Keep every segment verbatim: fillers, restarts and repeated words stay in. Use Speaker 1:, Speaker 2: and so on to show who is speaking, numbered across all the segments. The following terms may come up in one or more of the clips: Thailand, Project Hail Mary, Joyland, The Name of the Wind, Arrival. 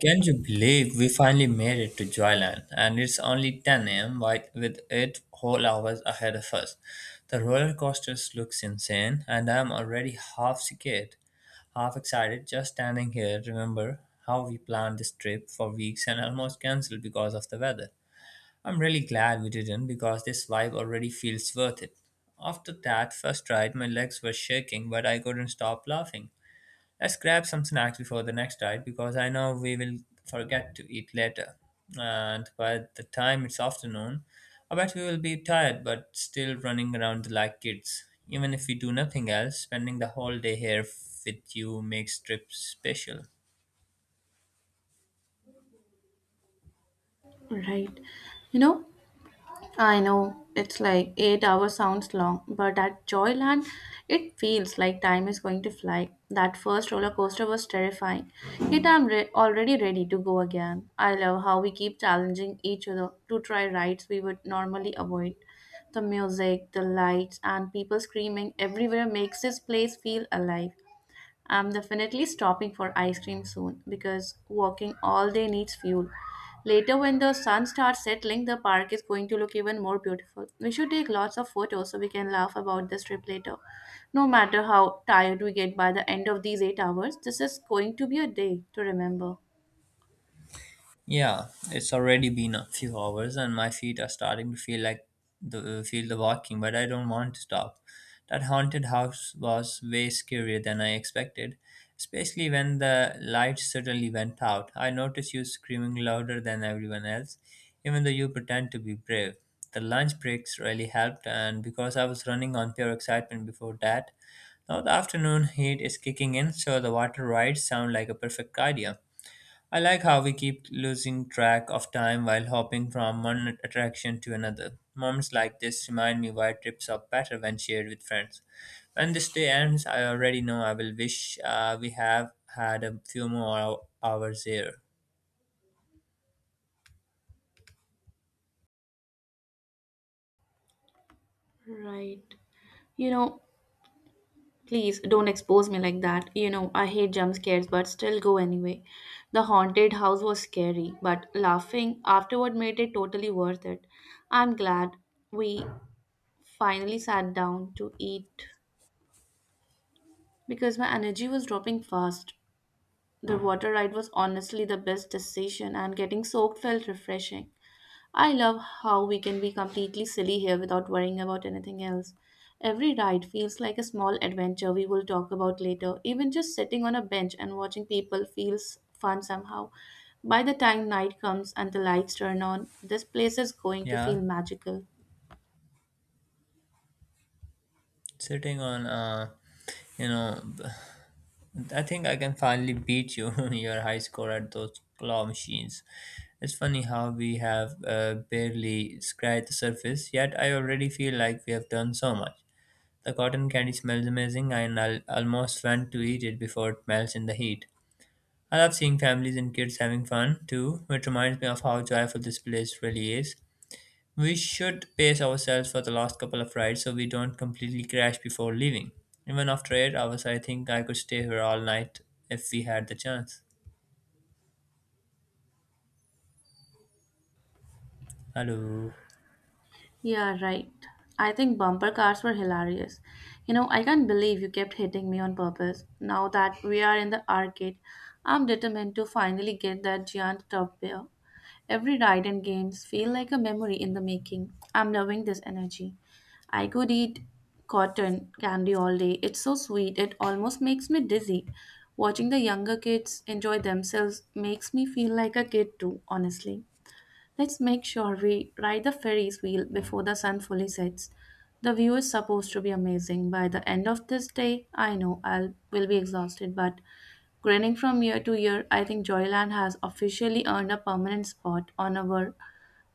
Speaker 1: Can you believe we finally made it to Joyland and it's only ten a m wi- with eight whole hours ahead of us? The roller coasters looks insane and I'm already half scared, half excited just standing here. Remember how we planned this trip for weeks and almost cancelled because of the weather. I'm really glad we didn't because this vibe already feels worth it. After that first ride, my legs were shaking but I couldn't stop laughing. Let's grab some snacks before the next ride because I know we will forget to eat later. And by the time it's afternoon, I bet we will be tired but still running around like kids. Even if we do nothing else, spending the whole day here with you makes trips special.
Speaker 2: Right. You know, I know it's like eight hours sounds long, but at Joyland, it feels like time is going to fly. That first roller coaster was terrifying. Yet I'm re- already ready to go again. I love how we keep challenging each other to try rides we would normally avoid. The music, the lights, and people screaming everywhere makes this place feel alive. I'm definitely stopping for ice cream soon because walking all day needs fuel. Later, when the sun starts settling, the park is going to look even more beautiful. We should take lots of photos so we can laugh about this trip later. No matter how tired we get by the end of these eight hours, this is going to be a day to remember.
Speaker 1: Yeah, it's already been a few hours and my feet are starting to feel like the feel the walking, but I don't want to stop. That haunted house was way scarier than I expected, especially when the lights suddenly went out. I noticed you screaming louder than everyone else, even though you pretend to be brave. The lunch breaks really helped, and because I was running on pure excitement before that, now the afternoon heat is kicking in, so the water rides sound like a perfect idea. I like how we keep losing track of time while hopping from one attraction to another. Moments like this remind me why trips are better when shared with friends. When this day ends, I already know I will wish uh, we have had a few more hou- hours here.
Speaker 2: Right. You know, please don't expose me like that. You know, I hate jump scares, but still go anyway. The haunted house was scary, but laughing afterward made it totally worth it. I'm glad we finally sat down to eat because my energy was dropping fast. The water ride was honestly the best decision, and getting soaked felt refreshing. I love how we can be completely silly here without worrying about anything else. Every ride feels like a small adventure we will talk about later. Even just sitting on a bench and watching people feels fun somehow. By the time night comes and the lights turn on, this place is going to
Speaker 1: Yeah.
Speaker 2: feel magical.
Speaker 1: Sitting on uh you know I think I can finally beat you your high score at those claw machines. It's funny how we have uh, barely scratched the surface, yet I already feel like we have done so much. The cotton candy smells amazing and I'll almost want to eat it before it melts in the heat. I love seeing families and kids having fun too, which reminds me of how joyful this place really is. We should pace ourselves for the last couple of rides so we don't completely crash before leaving. Even after eight hours, I think I could stay here all night if we had the chance. Hello.
Speaker 2: Yeah, right. I think bumper cars were hilarious. You know, I can't believe you kept hitting me on purpose. Now that we are in the arcade, I'm determined to finally get that giant top bear. Every ride and games feel like a memory in the making. I'm loving this energy. I could eat cotton candy all day. It's so sweet, it almost makes me dizzy. Watching the younger kids enjoy themselves makes me feel like a kid too, honestly. Let's make sure we ride the Ferris wheel before the sun fully sets. The view is supposed to be amazing. By the end of this day, I know I'll will be exhausted, but grinning from year to year, I think Joyland has officially earned a permanent spot on our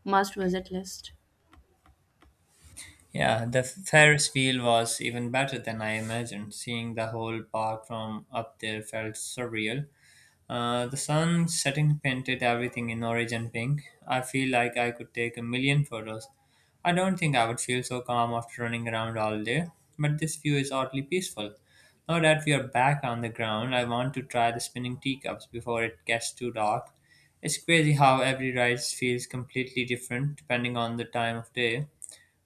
Speaker 2: must visit list.
Speaker 1: Yeah, the Ferris wheel was even better than I imagined. Seeing the whole park from up there felt surreal. Uh, the sun setting painted everything in orange and pink. I feel like I could take a million photos. I don't think I would feel so calm after running around all day, but this view is oddly peaceful. Now that we are back on the ground, I want to try the spinning teacups before it gets too dark. It's crazy how every ride feels completely different depending on the time of day.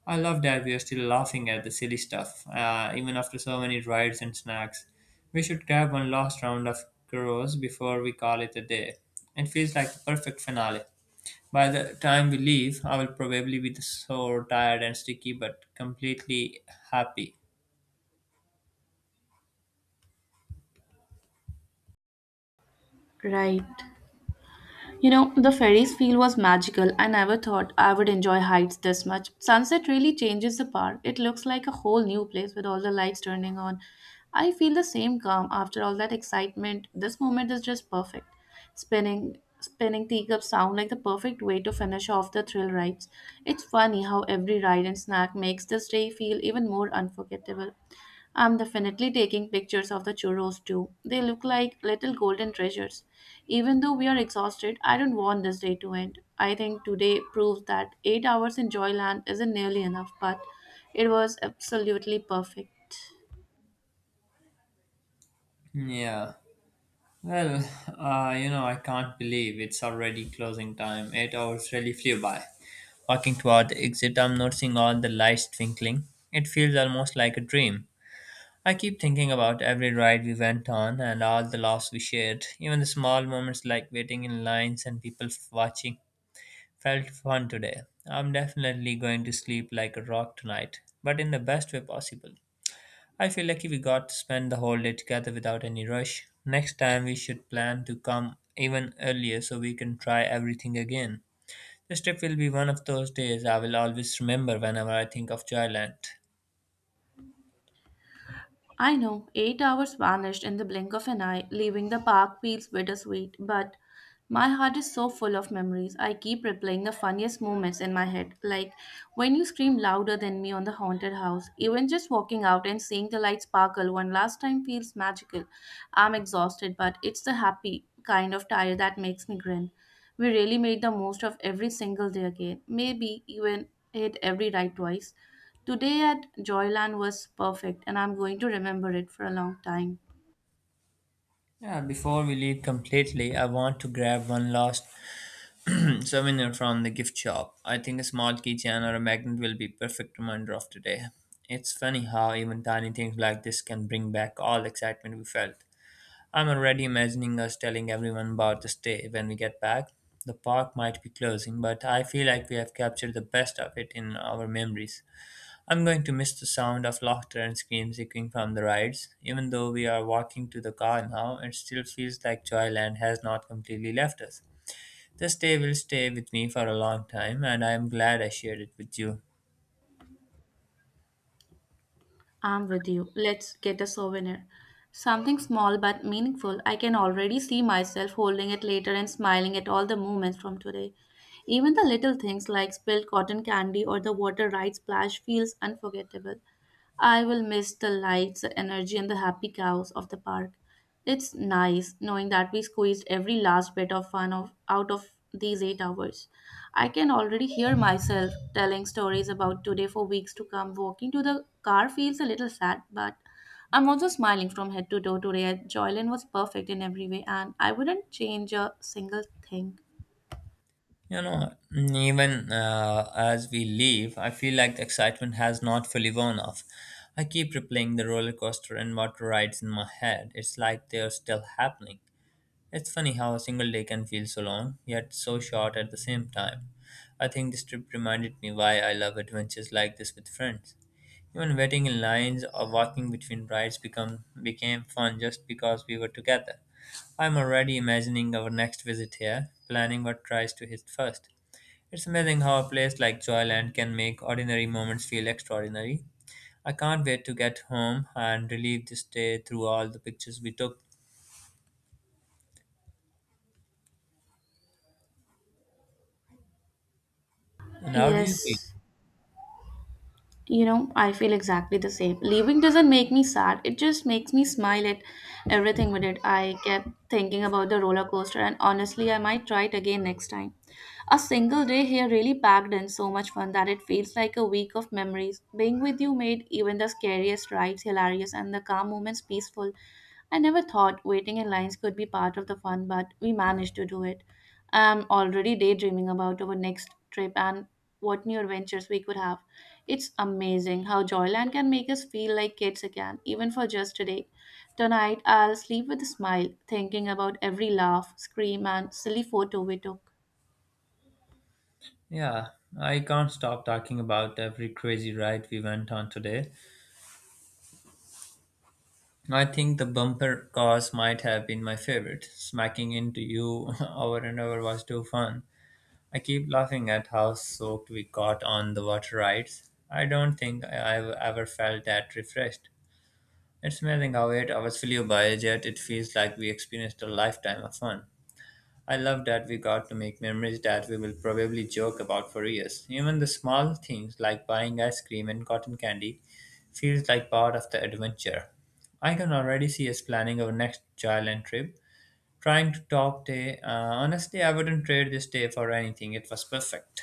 Speaker 1: I love that we are still laughing at the silly stuff, uh, even after so many rides and snacks. We should grab one last round of churros before we call it a day. It feels like the perfect finale. By the time we leave, I will probably be so tired and sticky, but completely happy.
Speaker 2: Right. You know, the Ferris feel was magical. I never thought I would enjoy heights this much. Sunset really changes the park. It looks like a whole new place with all the lights turning on. I feel the same calm after all that excitement. This moment is just perfect. Spinning spinning teacups sound like the perfect way to finish off the thrill rides. It's funny how every ride and snack makes this day feel even more unforgettable. I'm definitely taking pictures of the churros too. They look like little golden treasures. Even though we are exhausted, I don't want this day to end. I think today proves that eight hours in Joyland isn't nearly enough, but it was absolutely perfect.
Speaker 1: Yeah. Well, uh, you know, I can't believe it's already closing time. Eight hours really flew by. Walking toward the exit, I'm noticing all the lights twinkling. It feels almost like a dream. I keep thinking about every ride we went on and all the laughs we shared. Even the small moments like waiting in lines and people f- watching felt fun today. I'm definitely going to sleep like a rock tonight, but in the best way possible. I feel lucky we got to spend the whole day together without any rush. Next time we should plan to come even earlier so we can try everything again. This trip will be one of those days I will always remember whenever I think of Joyland.
Speaker 2: I know, eight hours vanished in the blink of an eye, leaving the park feels bittersweet, but my heart is so full of memories. I keep replaying the funniest moments in my head, like when you screamed louder than me on the haunted house. Even just walking out and seeing the lights sparkle one last time feels magical. I'm exhausted, but it's the happy kind of tired that makes me grin. We really made the most of every single day again, maybe even hit every ride twice. Today at Joyland was perfect, and I'm going to remember it for a long time.
Speaker 1: Yeah, before we leave completely, I want to grab one last souvenir from the gift shop. I think a small keychain or a magnet will be perfect reminder of today. It's funny how even tiny things like this can bring back all the excitement we felt. I'm already imagining us telling everyone about this day when we get back. The park might be closing, but I feel like we have captured the best of it in our memories. I'm going to miss the sound of laughter and screams echoing from the rides. Even though we are walking to the car now, it still feels like Joyland has not completely left us. This day will stay with me for a long time, and I am glad I shared it with you.
Speaker 2: I'm with you. Let's get a souvenir. Something small but meaningful. I can already see myself holding it later and smiling at all the moments from today. Even the little things like spilled cotton candy or the water right splash feels unforgettable. I will miss the lights, the energy, and the happy cows of the park. It's nice knowing that we squeezed every last bit of fun of, out of these eight hours. I can already hear myself telling stories about today for weeks to come. Walking to the car feels a little sad, but I'm also smiling from head to toe today. Joylin was perfect in every way, and I wouldn't change a single thing.
Speaker 1: You know, mm, even uh, as we leave, I feel like the excitement has not fully worn off. I keep replaying the roller coaster and water rides in my head. It's like they're still happening. It's funny how a single day can feel so long, yet so short at the same time. I think this trip reminded me why I love adventures like this with friends. Even waiting in lines or walking between rides become, became fun just because we were together. I'm already imagining our next visit here, planning what tries to hit first. It's amazing how a place like Joyland can make ordinary moments feel extraordinary. I can't wait to get home and relive this day through all the pictures we took. And how do you feel?
Speaker 2: Yes. You know, I feel exactly the same. Leaving doesn't make me sad, it just makes me smile at everything with it. I kept thinking about the roller coaster, and honestly, I might try it again next time. A single day here really packed in so much fun that it feels like a week of memories. Being with you made even the scariest rides hilarious and the calm moments peaceful. I never thought waiting in lines could be part of the fun, but we managed to do it. I'm already daydreaming about our next trip and what new adventures we could have. It's amazing how Joyland can make us feel like kids again, even for just today. Tonight, I'll sleep with a smile, thinking about every laugh, scream, and silly photo we took.
Speaker 1: Yeah, I can't stop talking about every crazy ride we went on today. I think the bumper cars might have been my favorite. Smacking into you over and over was too fun. I keep laughing at how soaked we got on the water rides. I don't think I- I've ever felt that refreshed. It's amazing how eight hours flew by, yet it feels like we experienced a lifetime of fun. I love that we got to make memories that we will probably joke about for years. Even the small things like buying ice cream and cotton candy feels like part of the adventure. I can already see us planning our next Thailand trip. Trying to talk day. Uh, honestly, I wouldn't trade this day for anything. It was perfect.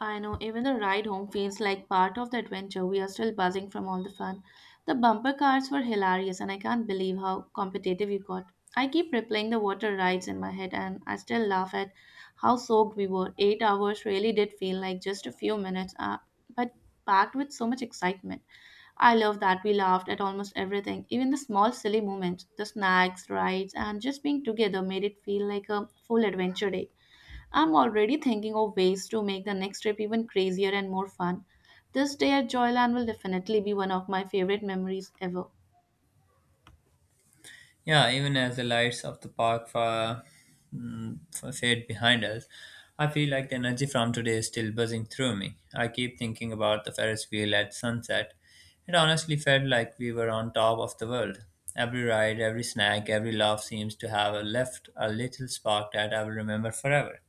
Speaker 2: I know, even the ride home feels like part of the adventure. We are still buzzing from all the fun. The bumper cars were hilarious, and I can't believe how competitive you got. I keep replaying the water rides in my head, and I still laugh at how soaked we were. Eight hours really did feel like just a few minutes, uh, but packed with so much excitement. I love that we laughed at almost everything, even the small silly moments, the snacks, rides, and just being together made it feel like a full adventure day. I'm already thinking of ways to make the next trip even crazier and more fun. This day at Joyland will definitely be one of my favorite memories ever.
Speaker 1: Yeah, even as the lights of the park fa- mm, fa- fade behind us, I feel like the energy from today is still buzzing through me. I keep thinking about the Ferris wheel at sunset. It honestly felt like we were on top of the world. Every ride, every snack, every laugh seems to have left a little spark that I will remember forever.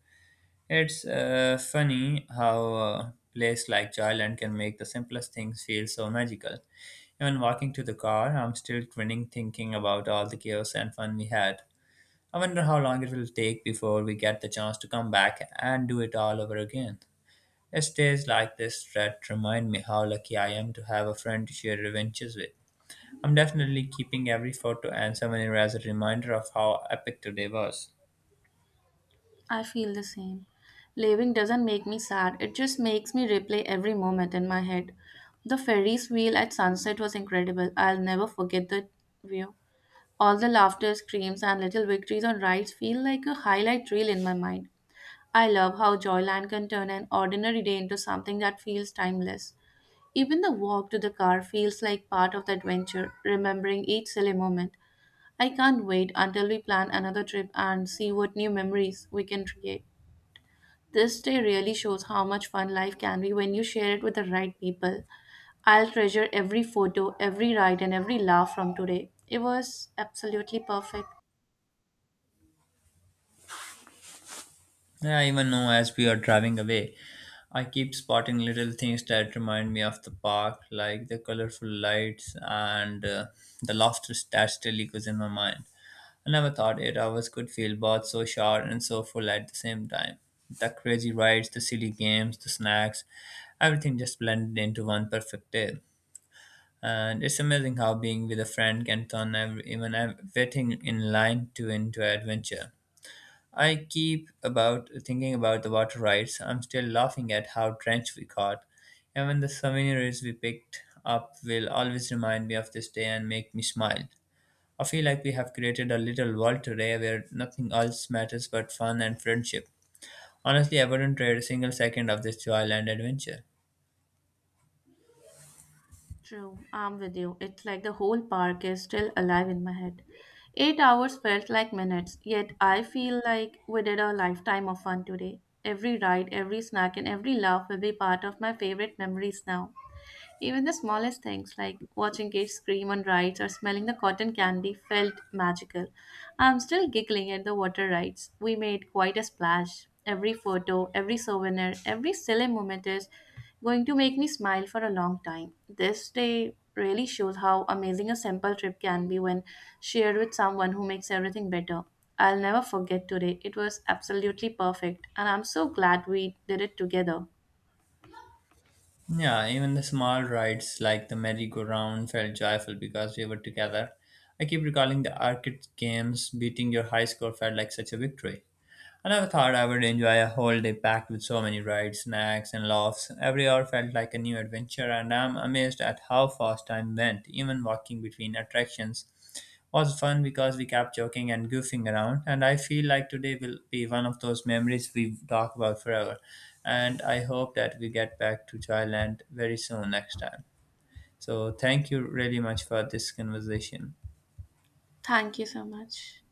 Speaker 1: It's uh, funny how a place like Thailand can make the simplest things feel so magical. Even walking to the car, I'm still grinning thinking about all the chaos and fun we had. I wonder how long it will take before we get the chance to come back and do it all over again. Yes, days like this that remind me how lucky I am to have a friend to share adventures with. I'm definitely keeping every photo and souvenir as a reminder of how epic today was.
Speaker 2: I feel the same. Leaving doesn't make me sad, it just makes me replay every moment in my head. The Ferris wheel at sunset was incredible. I'll never forget the view. All the laughter, screams, and little victories on rides feel like a highlight reel in my mind. I love how Joyland can turn an ordinary day into something that feels timeless. Even the walk to the car feels like part of the adventure, remembering each silly moment. I can't wait until we plan another trip and see what new memories we can create. This day really shows how much fun life can be when you share it with the right people. I'll treasure every photo, every ride, and every laugh from today. It was absolutely perfect.
Speaker 1: Yeah, even now as we are driving away, I keep spotting little things that remind me of the park, like the colorful lights and uh, the laughter that still echoes in my mind. I never thought eight hours could feel both so short and so full at the same time. The crazy rides, the silly games, the snacks, everything just blended into one perfect day. And it's amazing how being with a friend can turn every, even everything in line to into adventure. I keep about thinking about the water rides. I'm still laughing at how drenched we got. Even the souvenirs we picked up will always remind me of this day and make me smile. I feel like we have created a little world today where nothing else matters but fun and friendship. Honestly, I wouldn't trade a single second of this joyland adventure.
Speaker 2: True, I'm with you. It's like the whole park is still alive in my head. Eight hours felt like minutes, yet I feel like we did a lifetime of fun today. Every ride, every snack, and every laugh will be part of my favorite memories now. Even the smallest things like watching kids scream on rides or smelling the cotton candy felt magical. I'm still giggling at the water rides. We made quite a splash. Every photo, every souvenir, every silly moment is going to make me smile for a long time. This day really shows how amazing a simple trip can be when shared with someone who makes everything better. I'll never forget today. It was absolutely perfect, and I'm so glad we did it together.
Speaker 1: Yeah, even the small rides like the merry-go-round felt joyful because we were together. I keep recalling the arcade games, beating your high score felt like such a victory. I never thought I would enjoy a whole day packed with so many rides, snacks, and laughs. Every hour felt like a new adventure, and I'm amazed at how fast time went. Even walking between attractions was fun because we kept joking and goofing around, and I feel like today will be one of those memories we talk about forever. And I hope that we get back to Thailand very soon next time. So, thank you really much for this conversation.
Speaker 2: Thank you so much.